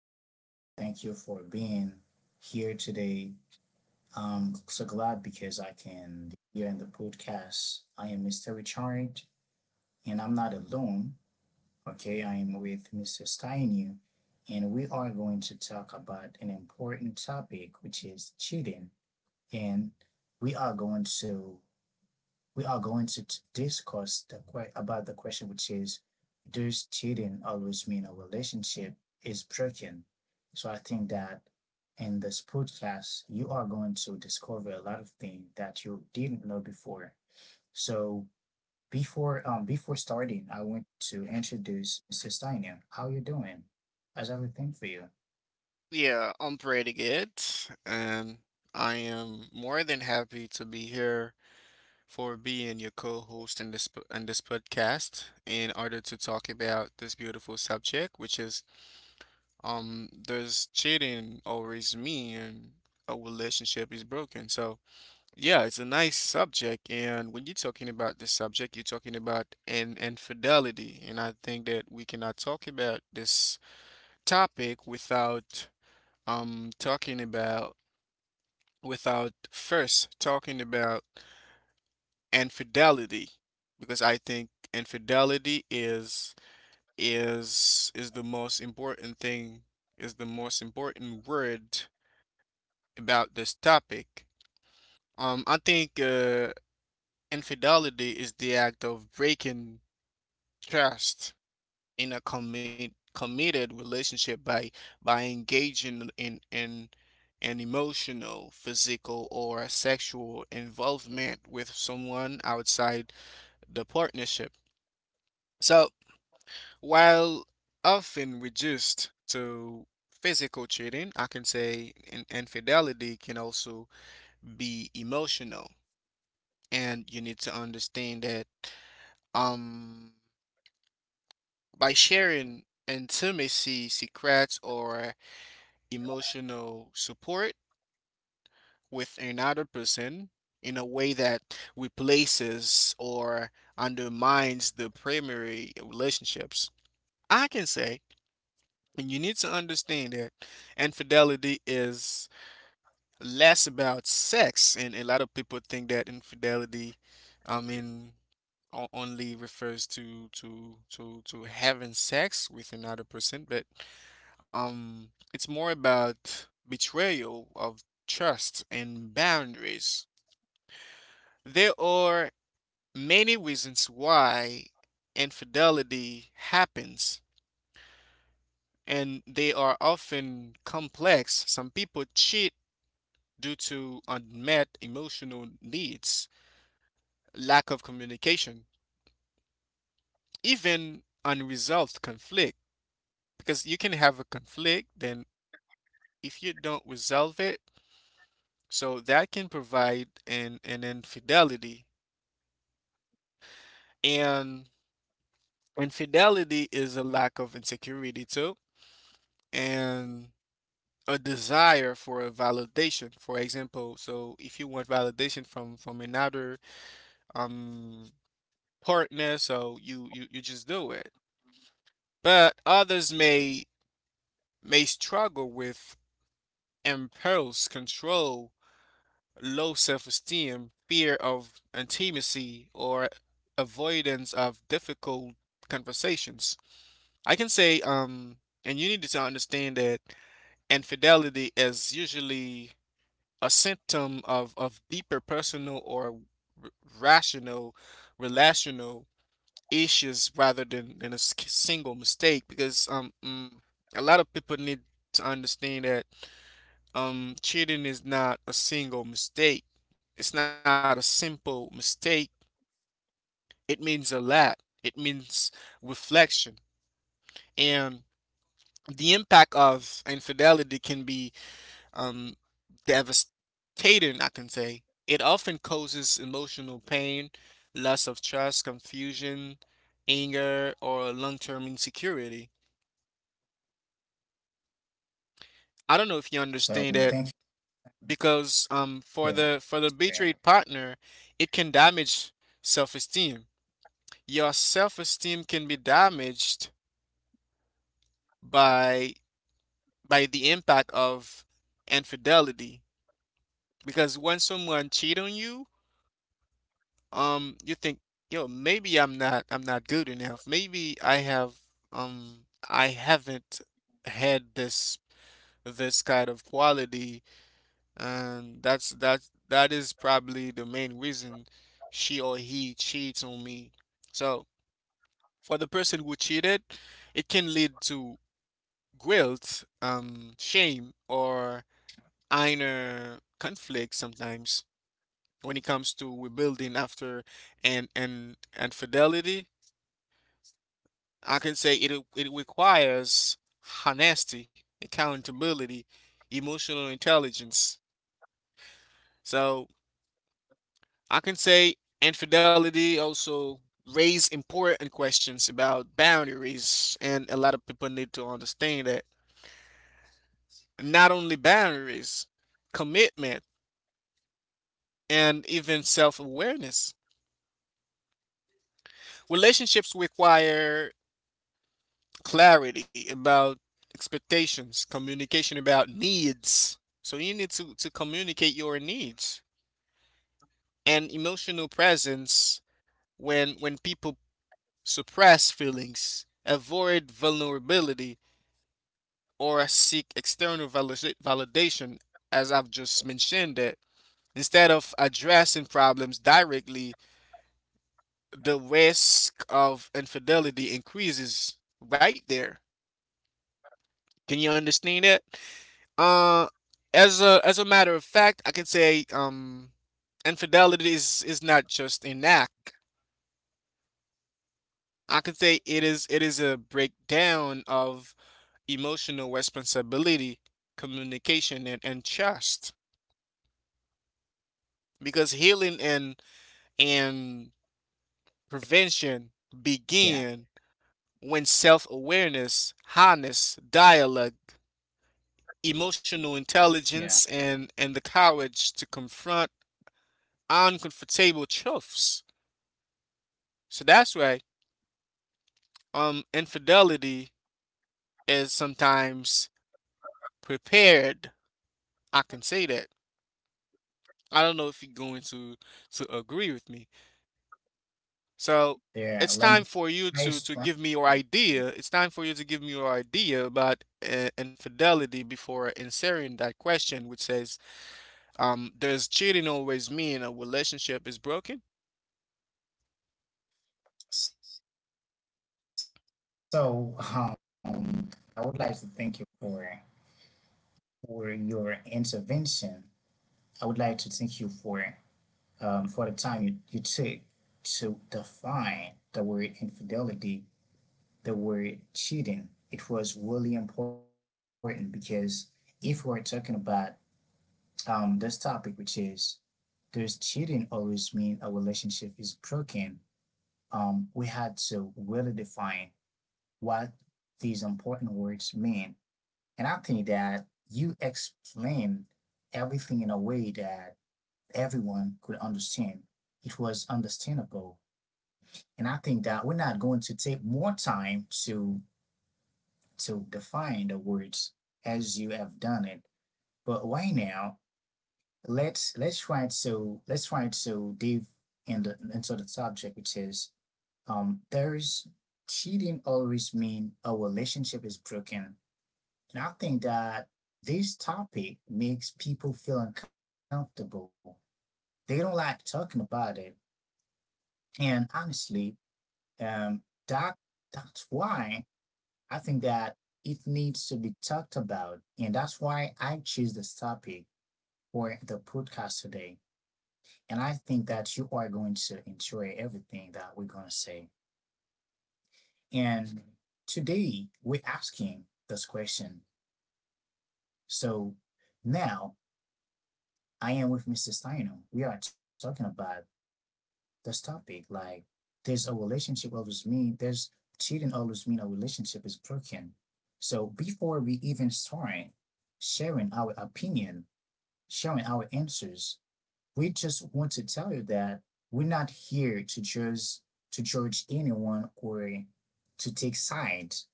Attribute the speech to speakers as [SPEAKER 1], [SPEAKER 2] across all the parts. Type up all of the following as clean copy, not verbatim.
[SPEAKER 1] everybody. Thank you for being here today. I'm so glad because I can be here in the podcast. I am Mr. Richard, and I'm not alone. Okay, I am with Mr. Steinu, and we are going to talk about an important topic, which is cheating. And we are going to we are going to discuss about the question, which is, does cheating always mean a relationship is broken? So I think that in this podcast, you are going to discover a lot of things that you didn't know before. So before starting, I want to introduce Sistania. How you doing? How's everything for you?
[SPEAKER 2] Yeah, I'm pretty good, and I am more than happy to be here for being your co-host in in this podcast in order to talk about this beautiful subject, which is does cheating always mean a relationship is broken? So yeah, it's a nice subject, and when you're talking about this subject, you're talking about an infidelity, and I think that we cannot talk about this topic without talking about without first talking about infidelity because I think infidelity is the most important thing, is the most important word about this topic. I think infidelity is the act of breaking trust in a committed relationship by engaging in an emotional, physical, or sexual involvement with someone outside the partnership. So, while often reduced to physical cheating, I can say infidelity can also be emotional, and you need to understand that um by sharing intimacy secrets or emotional support with another person in a way that replaces or undermines the primary relationships. I can say, and you need to understand that infidelity is less about sex, and a lot of people think that infidelity, I mean, only refers to having sex with another person, but it's more about betrayal of trust and boundaries. There are many reasons why infidelity happens, and they are often complex. Some people cheat due to unmet emotional needs, lack of communication, even unresolved conflict. Because you can have a conflict, then if you don't resolve it, so that can provide an infidelity. And infidelity is a lack of insecurity too, and a desire for a validation. For example, so if you want validation from another um partner, so you just do it. But others may struggle with impulse control, low self-esteem, fear of intimacy, or avoidance of difficult conversations. I can say, and you need to understand that infidelity is usually a symptom of deeper personal or r- rational, relational issues rather than a single mistake. Because a lot of people need to understand that cheating is not a single mistake. It's not a simple mistake. It means a lot. It means reflection. And the impact of infidelity can be um, devastating, I can say. It often causes emotional pain, loss of trust, confusion, anger, or long-term insecurity. I don't know if you understand that
[SPEAKER 1] So thank you.
[SPEAKER 2] because for the
[SPEAKER 1] Yeah,
[SPEAKER 2] betrayed partner, it can damage self-esteem. Your self-esteem can be damaged by the impact of infidelity because when someone cheat on you, you think, yo, maybe I'm not good enough, maybe I haven't had this kind of quality, and that is probably the main reason she or he cheats on me. So for the person who cheated, it can lead to guilt, shame, or inner conflict. Sometimes when it comes to rebuilding after and fidelity, I can say it requires honesty, accountability, emotional intelligence. So I can say infidelity also raises important questions about boundaries, and a lot of people need to understand that not only boundaries, commitment, and even self-awareness. Relationships require clarity about expectations, communication about needs. So you need to communicate your needs and emotional presence. When people suppress feelings, avoid vulnerability, or seek validation, as I've just mentioned it, instead of addressing problems directly, the risk of infidelity increases right there. Can you understand it? Uh, as a matter of fact, I can say, infidelity is not just an act. I can say it is a breakdown of emotional responsibility, communication, and trust. Because healing and prevention begin when
[SPEAKER 1] yeah,
[SPEAKER 2] self-awareness, honest dialogue, emotional intelligence, and the courage to
[SPEAKER 1] yeah.
[SPEAKER 2] confront uncomfortable truths. So that's why infidelity is sometimes prepared. I can say that I don't know if you're going to agree with me. So it's time for you to give me your
[SPEAKER 1] There. Let
[SPEAKER 2] idea.
[SPEAKER 1] me.
[SPEAKER 2] It's time for you
[SPEAKER 1] Hi,
[SPEAKER 2] to give
[SPEAKER 1] Str-
[SPEAKER 2] me your idea about infidelity before answering that question, which says, "Does cheating always mean a relationship is broken?"
[SPEAKER 1] So, I would like to thank you for your intervention. I would like to thank you for the time you took to define the word infidelity, the word cheating. It was really important because if we're talking about this topic, which is does cheating always mean a relationship is broken? We had to really define what these important words mean. And I think that you explained everything in a way that everyone could understand. It was understandable. And I think that we're not going to take more time to define the words as you have done it. But right now, let's try to dive into the subject, which is, there is cheating always mean a relationship is broken. And I think that this topic makes people feel uncomfortable. They don't like talking about it. And honestly, um, that that's why I think that it needs to be talked about. And that's why I choose this topic for the podcast today. And I think that you are going to enjoy everything that we're going to say. And today we're asking this question. So now I am with Mr. Steiner. We are talking about this topic. Like, there's a relationship always mean there's cheating always mean a relationship is broken. So before we even start sharing our opinion, sharing our answers, we just want to tell you that we're not here to judge anyone or to take sides,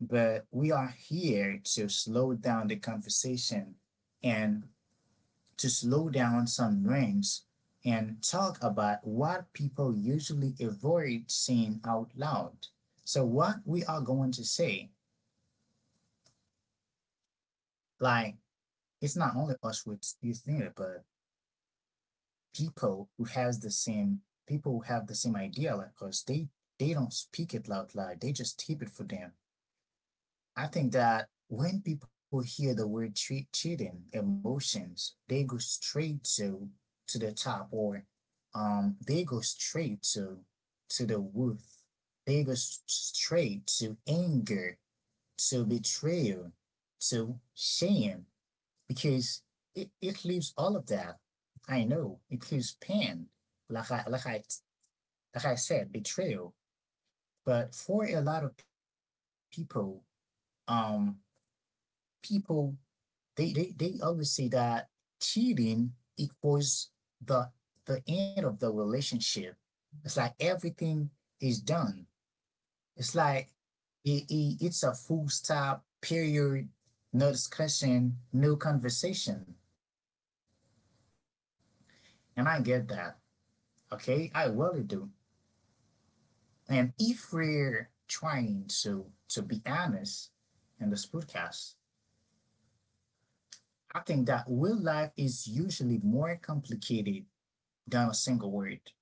[SPEAKER 1] but we are here to slow down the conversation and to slow down some rants and talk about what people usually avoid saying out loud. So, what we are going to say, like, it's not only us with you think it, but people who has the same people who have the same idea like us, they don't speak it loud loud. They just keep it for them. I think that when people hear the word cheating, emotions, they go straight to the top or they go straight to the wrath, they go straight to anger, to betrayal, to shame, because it leaves all of that. I know it leaves pain, like i like i like I said, betrayal. But for a lot of people, um people, they always say that cheating equals the the end of the relationship. It's like everything is done. It's like it's a full stop period, no discussion, no conversation. And I get that. Okay, I really do. And if we're trying to be honest in this podcast, I think that real life is usually more complicated than a single word.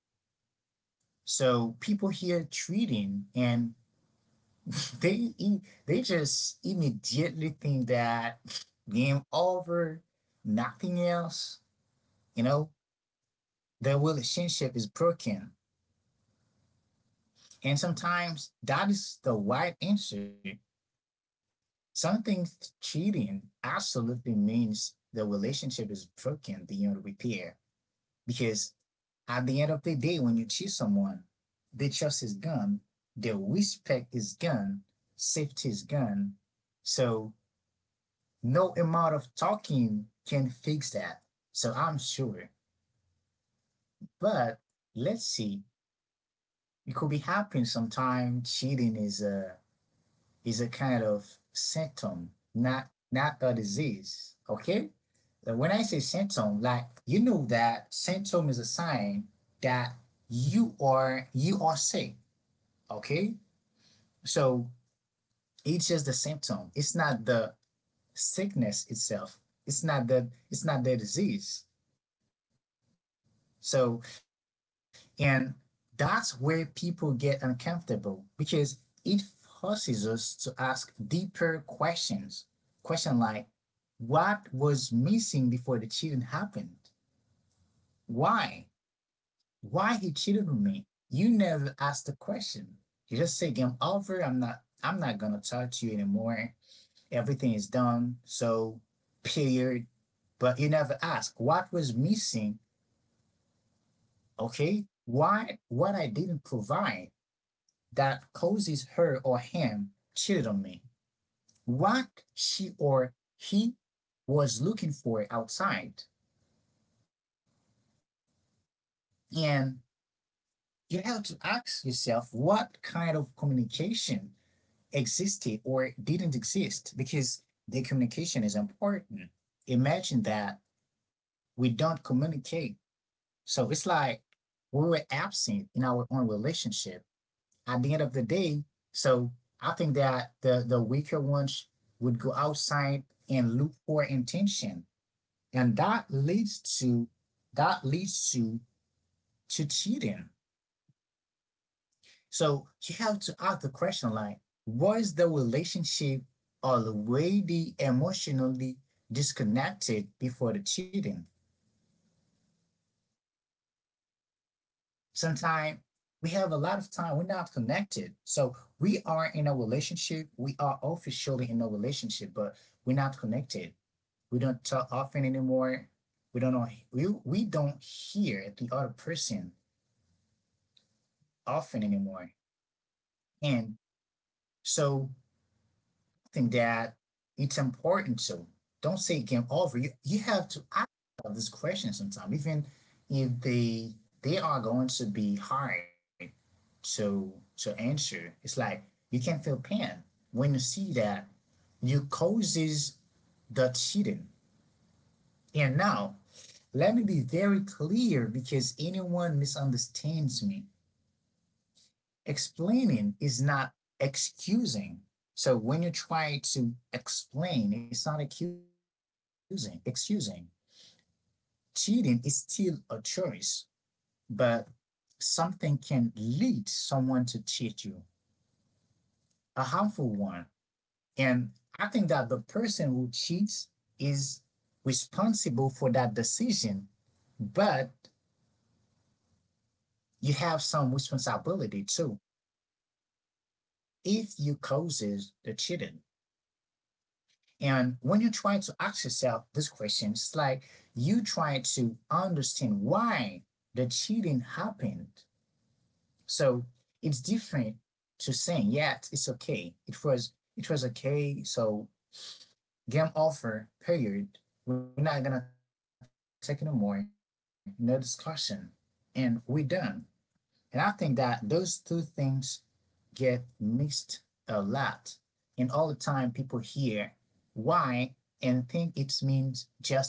[SPEAKER 1] So people here treating and they just immediately think that game over, nothing else, you know, their relationship is broken. And sometimes that is the right answer. Something cheating absolutely means the relationship is broken beyond repair, because at the end of the day, when you cheat someone, they trust his gun, they respect his gun, safety is gun. So no amount of talking can fix that. So I'm sure. But let's see. It could be happening sometime. Cheating is a kind of symptom, not not a disease. Okay? So when I say symptom, like you know that symptom is a sign that you are sick. Okay? So it's just the symptom. It's not the sickness itself. It's not the disease. So and that's where people get uncomfortable because it forces us to ask deeper questions. Question like, what was missing before the cheating happened? Why? Why he cheated on me? You never asked the question. You just say game over. I'm not gonna talk to you anymore. Everything is done. So, period. But you never ask what was missing. Okay, why what I didn't provide that causes her or him cheated on me. What she or he was looking for outside. And you have to ask yourself what kind of communication existed or didn't exist because the communication is important. Imagine that we don't communicate. So it's like when we're absent in our own relationship, at the end of the day, so I think that the weaker ones would go outside and look for intention. And that leads to cheating. So you have to ask the question like, was the relationship already emotionally disconnected before the cheating? Sometimes we have a lot of time we're not connected, so we are in a relationship, we are officially in a relationship, but we're not connected, we don't talk often anymore, we don't know, we don't hear the other person often anymore. And so something that it's important to. Don't say game over. You have to ask this question sometime, even if they they are going to be hard to to answer. It's like you can feel pain when you see that you causes the cheating. And now let me be very clear because anyone misunderstands me. Explaining is not excusing. So when you try to explain, it's not accusing, excusing. Cheating is still a choice, but something can lead someone to cheat you, a harmful one. And I think that the person who cheats is responsible for that decision, but you have some responsibility too if you causes the cheating. And when you try to ask yourself this question, it's like you try to understand why the cheating happened. So it's different to saying, yeah, it's okay. It was okay. So game over, period. We're not gonna take anymore, no discussion. And we're done. And I think that those two things get mixed a lot. And all the time people hear why and think it means justification.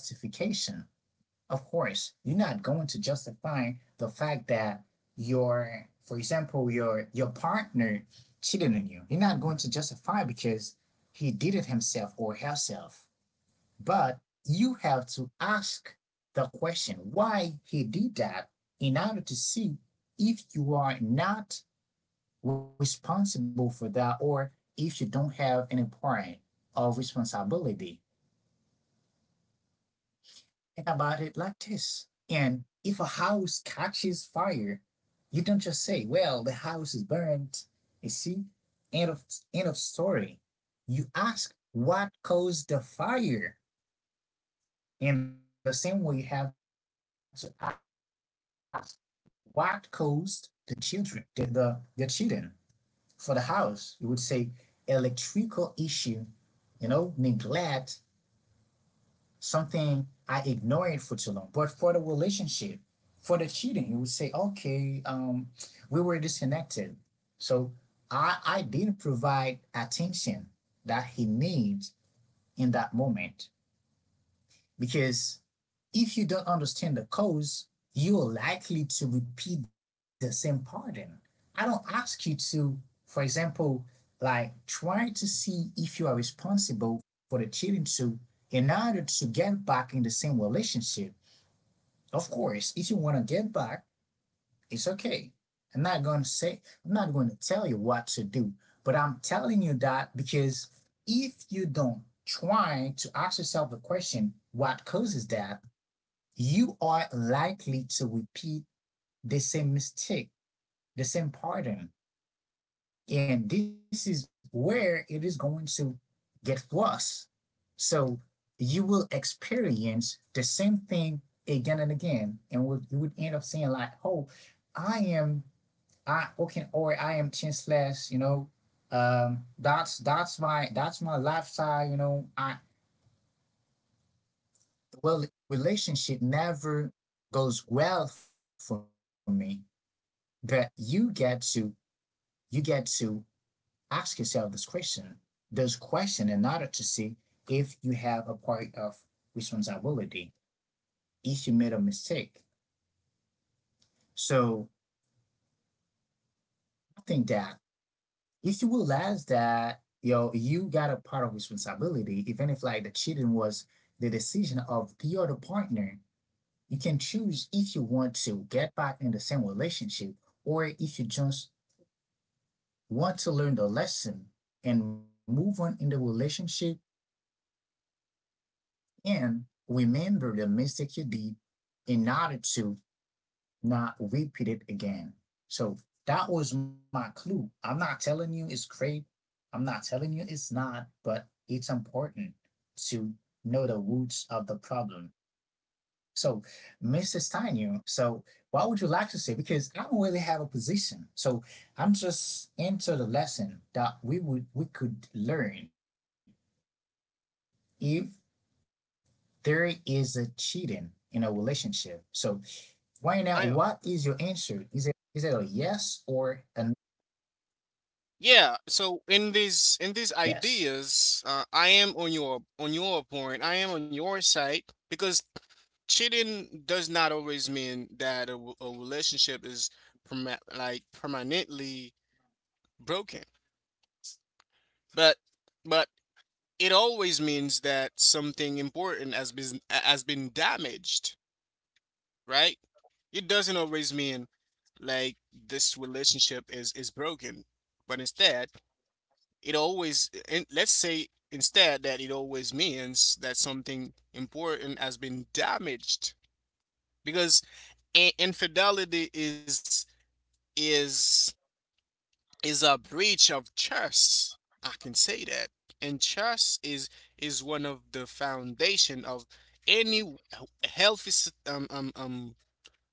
[SPEAKER 1] Of course, you're not going to justify the fact that your, for example, your partner cheated on you. You're not going to justify because he did it himself or herself. But you have to ask the question why he did that in order to see if you are not responsible for that, or if you don't have any point of responsibility. Think about it like this. And if a house catches fire, you don't just say, "Well, the house is burnt." You see, end of end of story. You ask what caused the fire. In the same way, you have to ask what caused the children, the children for the house. You would say electrical issue, you know, neglect, something I ignored for too long. But for the relationship, for the cheating, you would say, okay, we were disconnected. So I didn't provide attention that he needs in that moment, because if you don't understand the cause, you are likely to repeat the same pattern. I don't ask you to, for example, like try to see if you are responsible for the cheating too in order to get back in the same relationship. Of course, if you want to get back, it's okay. I'm not going to tell you what to do, but I'm telling you that because if you don't try to ask yourself the question, what causes that, you are likely to repeat the same mistake, the same pattern. And this is where it is going to get worse. So you will experience the same thing again and again. And you would end up saying, like, oh, I am, okay, or I am chanceless, you know, that's my lifestyle, you know, I well relationship never goes well for me. But you get to ask yourself this question, in order to see if you have a part of responsibility, if you made a mistake. So I think that if you realize that yo you got a part of responsibility, even if like the cheating was the decision of the other partner, you can choose if you want to get back in the same relationship or if you just want to learn the lesson and move on in the relationship and remember the mistake you did in order to not repeat it again. So that was my clue. I'm not telling you it's great. I'm not telling you it's not, but it's important to know the roots of the problem. So, Mrs. Steinu, so what would you like to say? Because I don't really have a position. So I'm just into the lesson that we could learn if there is a cheating in a relationship. So right now, what is your answer?
[SPEAKER 2] I
[SPEAKER 1] Is it a yes or a
[SPEAKER 2] Yeah. So in
[SPEAKER 1] yes?
[SPEAKER 2] these ideas, I am on your point. I am on your side because cheating does not always mean that a relationship is permanently broken. But but it always means that something important has been damaged, right? It doesn't always mean like this relationship is broken, but instead it always, and let's say instead that it always means that something important has been damaged because infidelity is is a breach of trust. I can say that. And trust is one of the foundation of any healthy, um, um, um,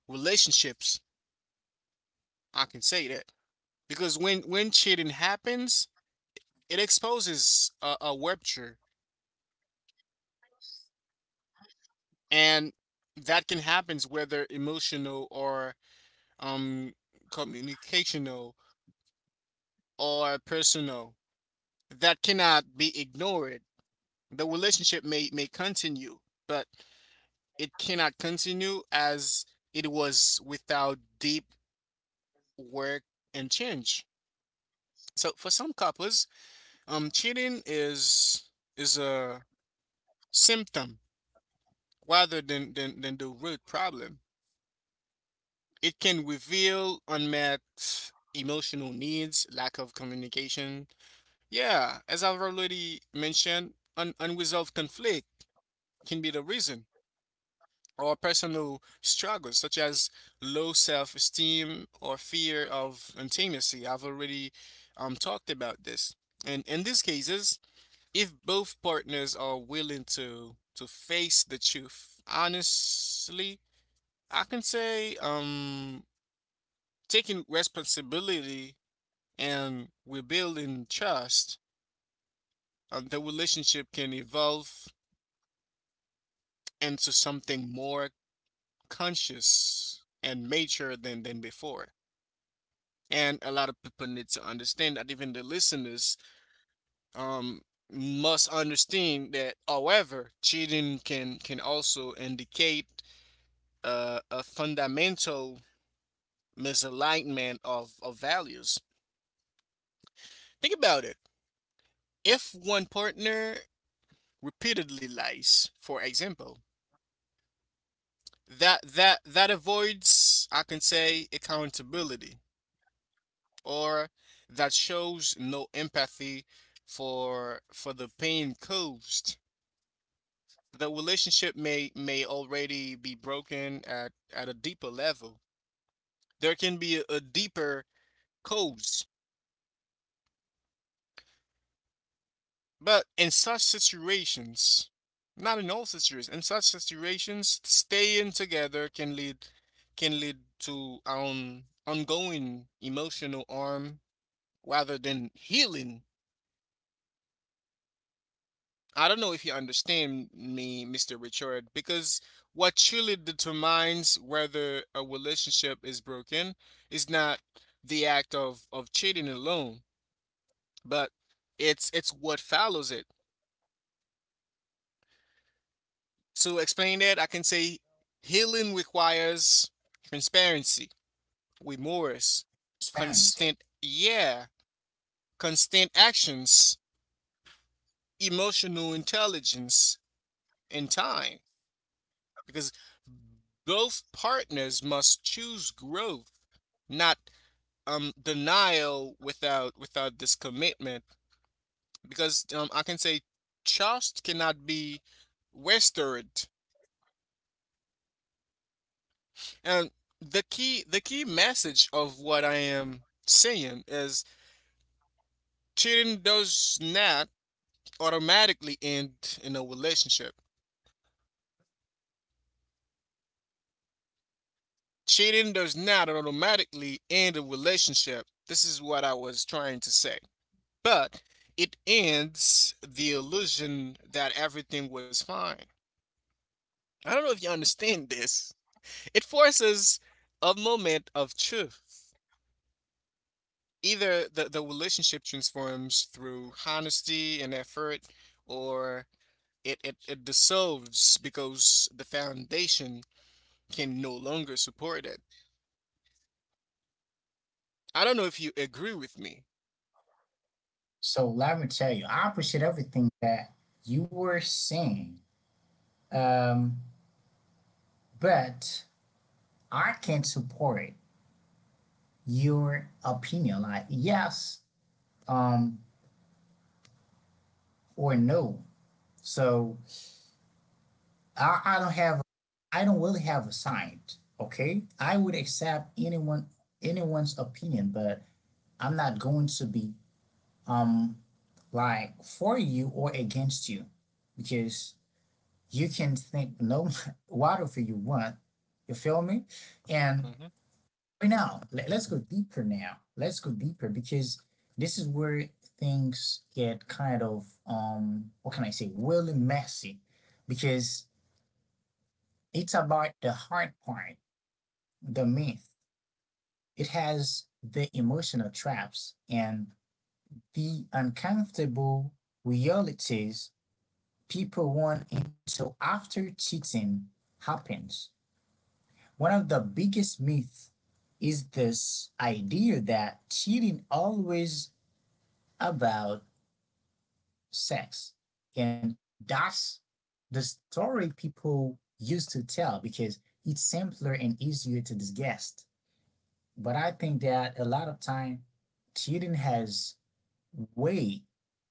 [SPEAKER 2] relationships. I can say that because when cheating happens, it exposes a rupture, and that can happen whether emotional or um communicational or personal. That cannot be ignored. The relationship may continue, but it cannot continue as it was without deep work and change. So for some couples, cheating is a symptom rather than the root problem. It can reveal unmet emotional needs, lack of communication. Yeah, as I've already mentioned, unresolved conflict can be the reason, or personal struggles such as low self-esteem or fear of intimacy. I've already talked about this. And in these cases, if both partners are willing to face the truth honestly, I can say, taking responsibility and rebuilding trust, the relationship can evolve into something more conscious and mature than before. And a lot of people need to understand that, even the listeners, um must understand that, however, cheating can also indicate a fundamental misalignment of values. Think about it: if one partner repeatedly lies, for example, that avoids, I can say, accountability, or that shows no empathy for the pain caused, the relationship may already be broken at a deeper level. There can be a deeper cause, but in such situations, not in all situations, in such situations, staying together can lead to ongoing emotional harm rather than healing. I don't know if you understand me, Mr. Richard, because what truly determines whether a relationship is broken is not the act of cheating alone, but it's what follows it. To explain that, I can say healing requires transparency, remorse,
[SPEAKER 1] Transparency.
[SPEAKER 2] constant yeah, constant actions, emotional intelligence, and time, because both partners must choose growth, not denial. Without this commitment, because, I can say, trust cannot be wasted. And the key message of what I am saying is cheating does not automatically end in a relationship. Cheating does not automatically end a relationship. This is what I was trying to say, but it ends the illusion that everything was fine. I don't know if you understand this. It forces a moment of truth. Either the relationship transforms through honesty and effort, or it dissolves because the foundation can no longer support it. I don't know if you agree with me.
[SPEAKER 1] So let me tell you, I appreciate everything that you were saying, um, but I can't support your opinion, like yes, um, or no. So I don't have, I don't really have a side. Okay, I would accept anyone's opinion, but I'm not going to be um like for you or against you, because you can think no whatever you want, you feel me. And
[SPEAKER 2] Mhm.
[SPEAKER 1] right now, let, us go deeper now let's go deeper, because this is where things get kind of what can I say, really messy, because it's about the hard part, the myth, it has the emotional traps and the uncomfortable realities people want until after cheating happens. One of the biggest myths is this idea that cheating always about sex. And that's the story people used to tell because it's simpler and easier to digest. But I think that a lot of time cheating has way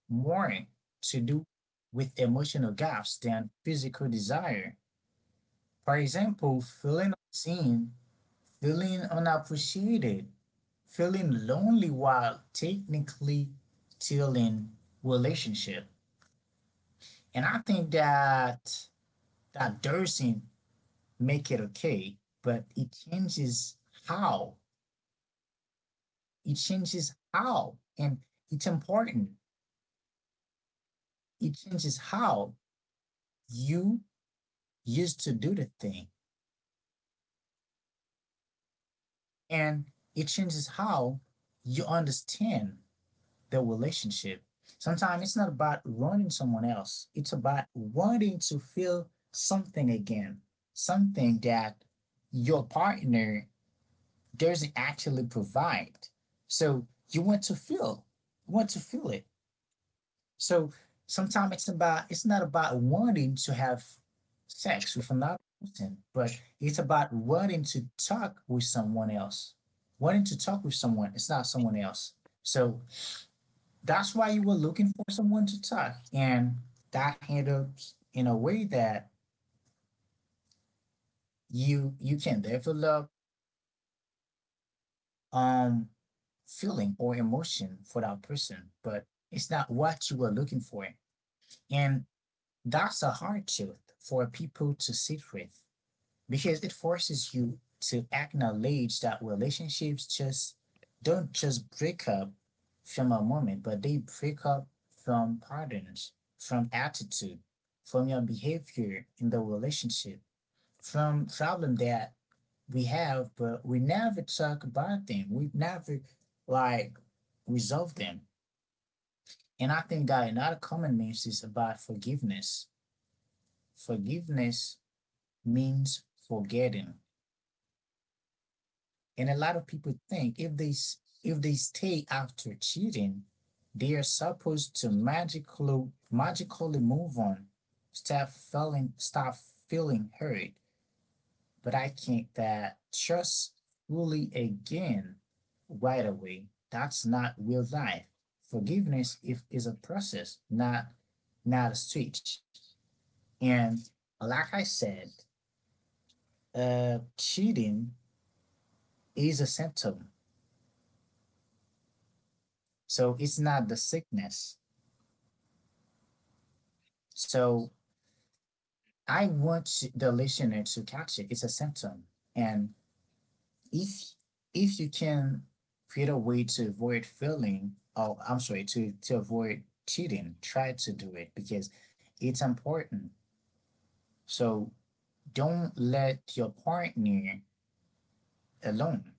[SPEAKER 1] more to do with emotional gaps than physical desire. For
[SPEAKER 2] mm
[SPEAKER 1] example, feeling unseen, feeling unappreciated, feeling lonely while technically still in relationship. And I think that that doesn't make it okay, but it changes how. It changes how. And it's important. It changes how you used to do the thing. And it changes how you understand the relationship. Sometimes it's not about running someone else, it's about wanting to feel something again, something that your partner doesn't actually provide. So you want to feel, you want to feel it. So sometimes it's not about wanting to have sex with another person, but it's about wanting to talk with someone else. Wanting to talk with someone, it's not someone else. So that's why you were looking for someone to talk, and that helps in a way that you can develop um feeling or emotion for that person, but it's not what you were looking for. And that's a hard truth for people to sit with, because it forces you to acknowledge that relationships just don't just break up from a moment, but they break up from patterns, from attitude, from your behavior in the relationship, from problem that we have, but we never talk about them. We never, like, resolve them. And I think that another common means is about forgiveness. Forgiveness means forgetting. And a lot of people think if they stay after cheating, they are supposed to magically move on, stop feeling hurt. But I think that trust fully again right away. That's not real life. Forgiveness if is a process, not, not a switch. And like I said, cheating is a symptom, so it's not the sickness. So I want the listener to catch it. It's a symptom. And if if you can create a way to avoid feeling oh I'm sorry, to avoid cheating, try to do it, because it's important. So don't let your partner alone.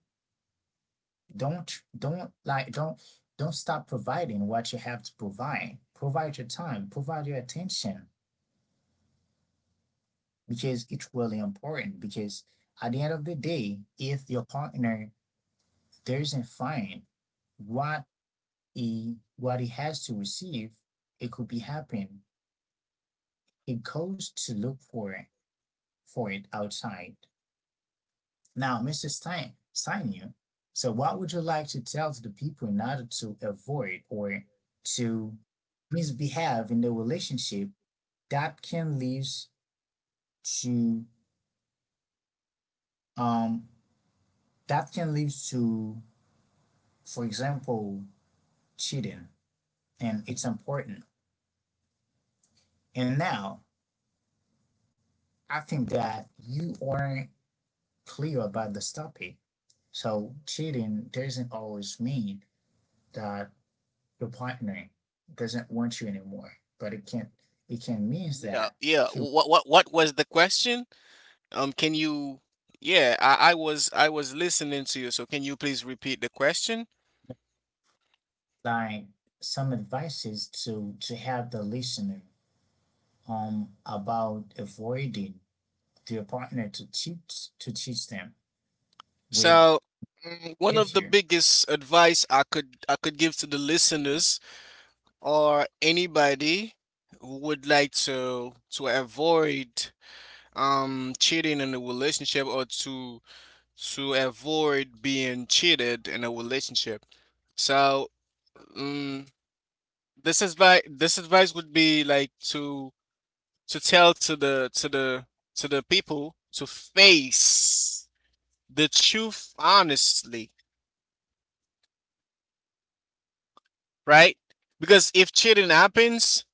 [SPEAKER 1] Don't like don't stop providing what you have to provide. Provide your time, provide your attention, because it's really important, because at the end of the day, if your partner doesn't find what what he has to receive, it could be happen, he goes to look for it outside. Now, Mr. Stein, so what would you like to tell to the people in order to avoid or to misbehave in the relationship that can lead to, um that can lead to, for example, cheating. And it's important. And now I think that you aren't clear about the topic. So cheating doesn't always mean that your partner doesn't want you anymore, but it can mean
[SPEAKER 2] Yeah,
[SPEAKER 1] that
[SPEAKER 2] yeah.
[SPEAKER 1] he would
[SPEAKER 2] What what was the question? Can you, yeah, I was I was listening to you, so can you please repeat the question?
[SPEAKER 1] like some advices to help the listener about avoiding their partner to cheat, to cheat them with
[SPEAKER 2] So, one of
[SPEAKER 1] if
[SPEAKER 2] the
[SPEAKER 1] you.
[SPEAKER 2] biggest advice I could give to the listeners or anybody who would like to avoid cheating in a relationship or to avoid being cheated in a relationship. So, um, this advice would be like to tell to the to the to the people to face the truth honestly, right? Because if cheating happens,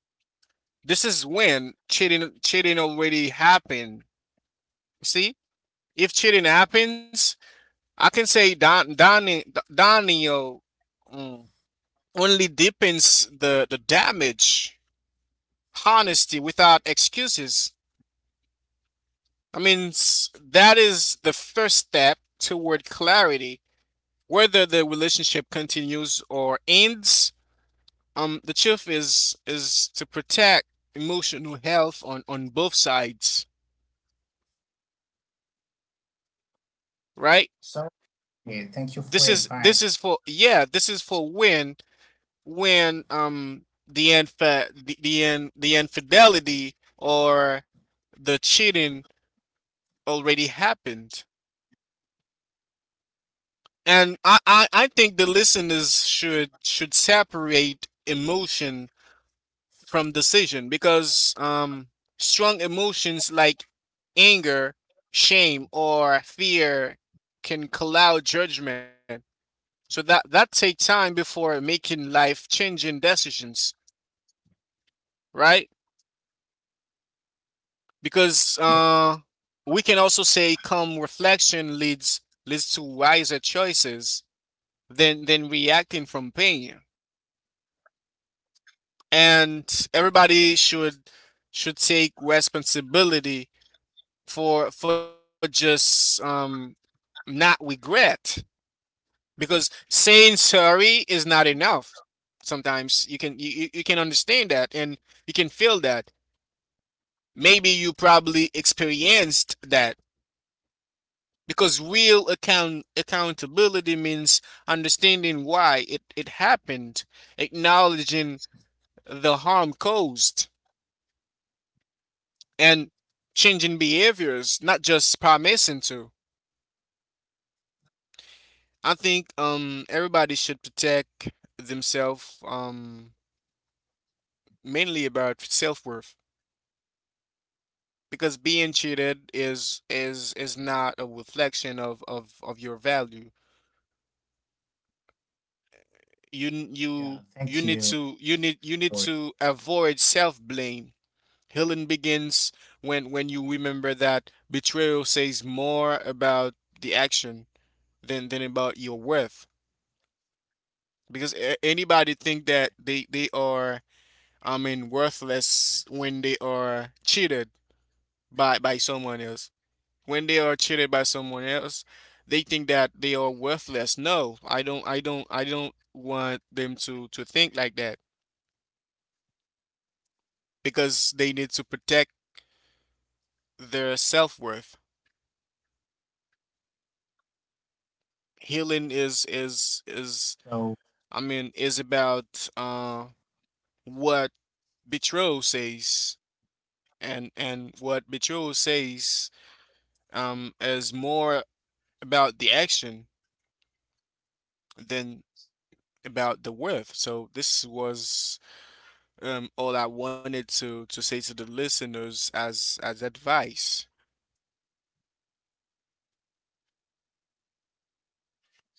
[SPEAKER 2] this is when cheating already happened. See, if cheating happens, I can say, Don Donnie Daniel, mm, only deepens the damage. Honesty without excuses, I mean, that is the first step toward clarity, whether the relationship continues or ends. The truth is to protect emotional health on both sides, right?
[SPEAKER 1] So yeah, thank you
[SPEAKER 2] This
[SPEAKER 1] for your advice.
[SPEAKER 2] is for, yeah, this is for when the infa- the, in, the infidelity or the cheating already happened. And I think the listeners should separate emotion from decision because strong emotions like anger, shame, or fear can cloud judgment. So that take time before making life changing decisions, right? Because we can also say calm reflection leads to wiser choices than reacting from pain. And everybody should take responsibility for just, not regret, because saying sorry is not enough sometimes. You can, you, you can understand that, and you can feel that. Maybe you probably experienced that because real accountability means understanding why it happened, acknowledging the harm caused, and changing behaviors, not just promising to. I think everybody should protect themselves, mainly about self-worth, because being cheated is not a reflection of your value. You
[SPEAKER 1] Yeah,
[SPEAKER 2] you
[SPEAKER 1] thank
[SPEAKER 2] you
[SPEAKER 1] you
[SPEAKER 2] need to, you
[SPEAKER 1] for it.
[SPEAKER 2] need to avoid self-blame. Healing begins when you remember that betrayal says more about the action than about your worth, because anybody think that they are, I mean, worthless when they are cheated by someone else. When they are cheated by someone else, they think that they are worthless. No, I don't. I don't. I don't want them to think like that because they need to protect their self worth. Healing
[SPEAKER 1] So,
[SPEAKER 2] is, I mean, is about what betrothed says, and what betrothed says is more about the action than about the width. So this was, all I wanted to say to the listeners as advice.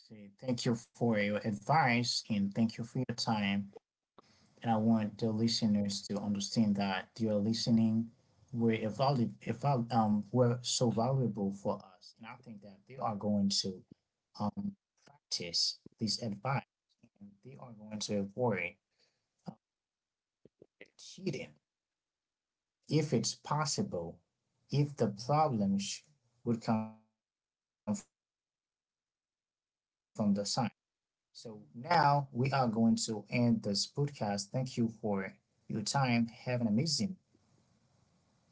[SPEAKER 1] say thank you for your advice and thank you for your time. And I want the listeners to understand that your listening were so valuable for us, and I think that they are going to um practice this advice, and they are going to avoid uh, cheating if it's possible. If the problem would come from the side. So now we are going to end this podcast. Thank you for your time. Have an amazing rest of your day. Bye bye.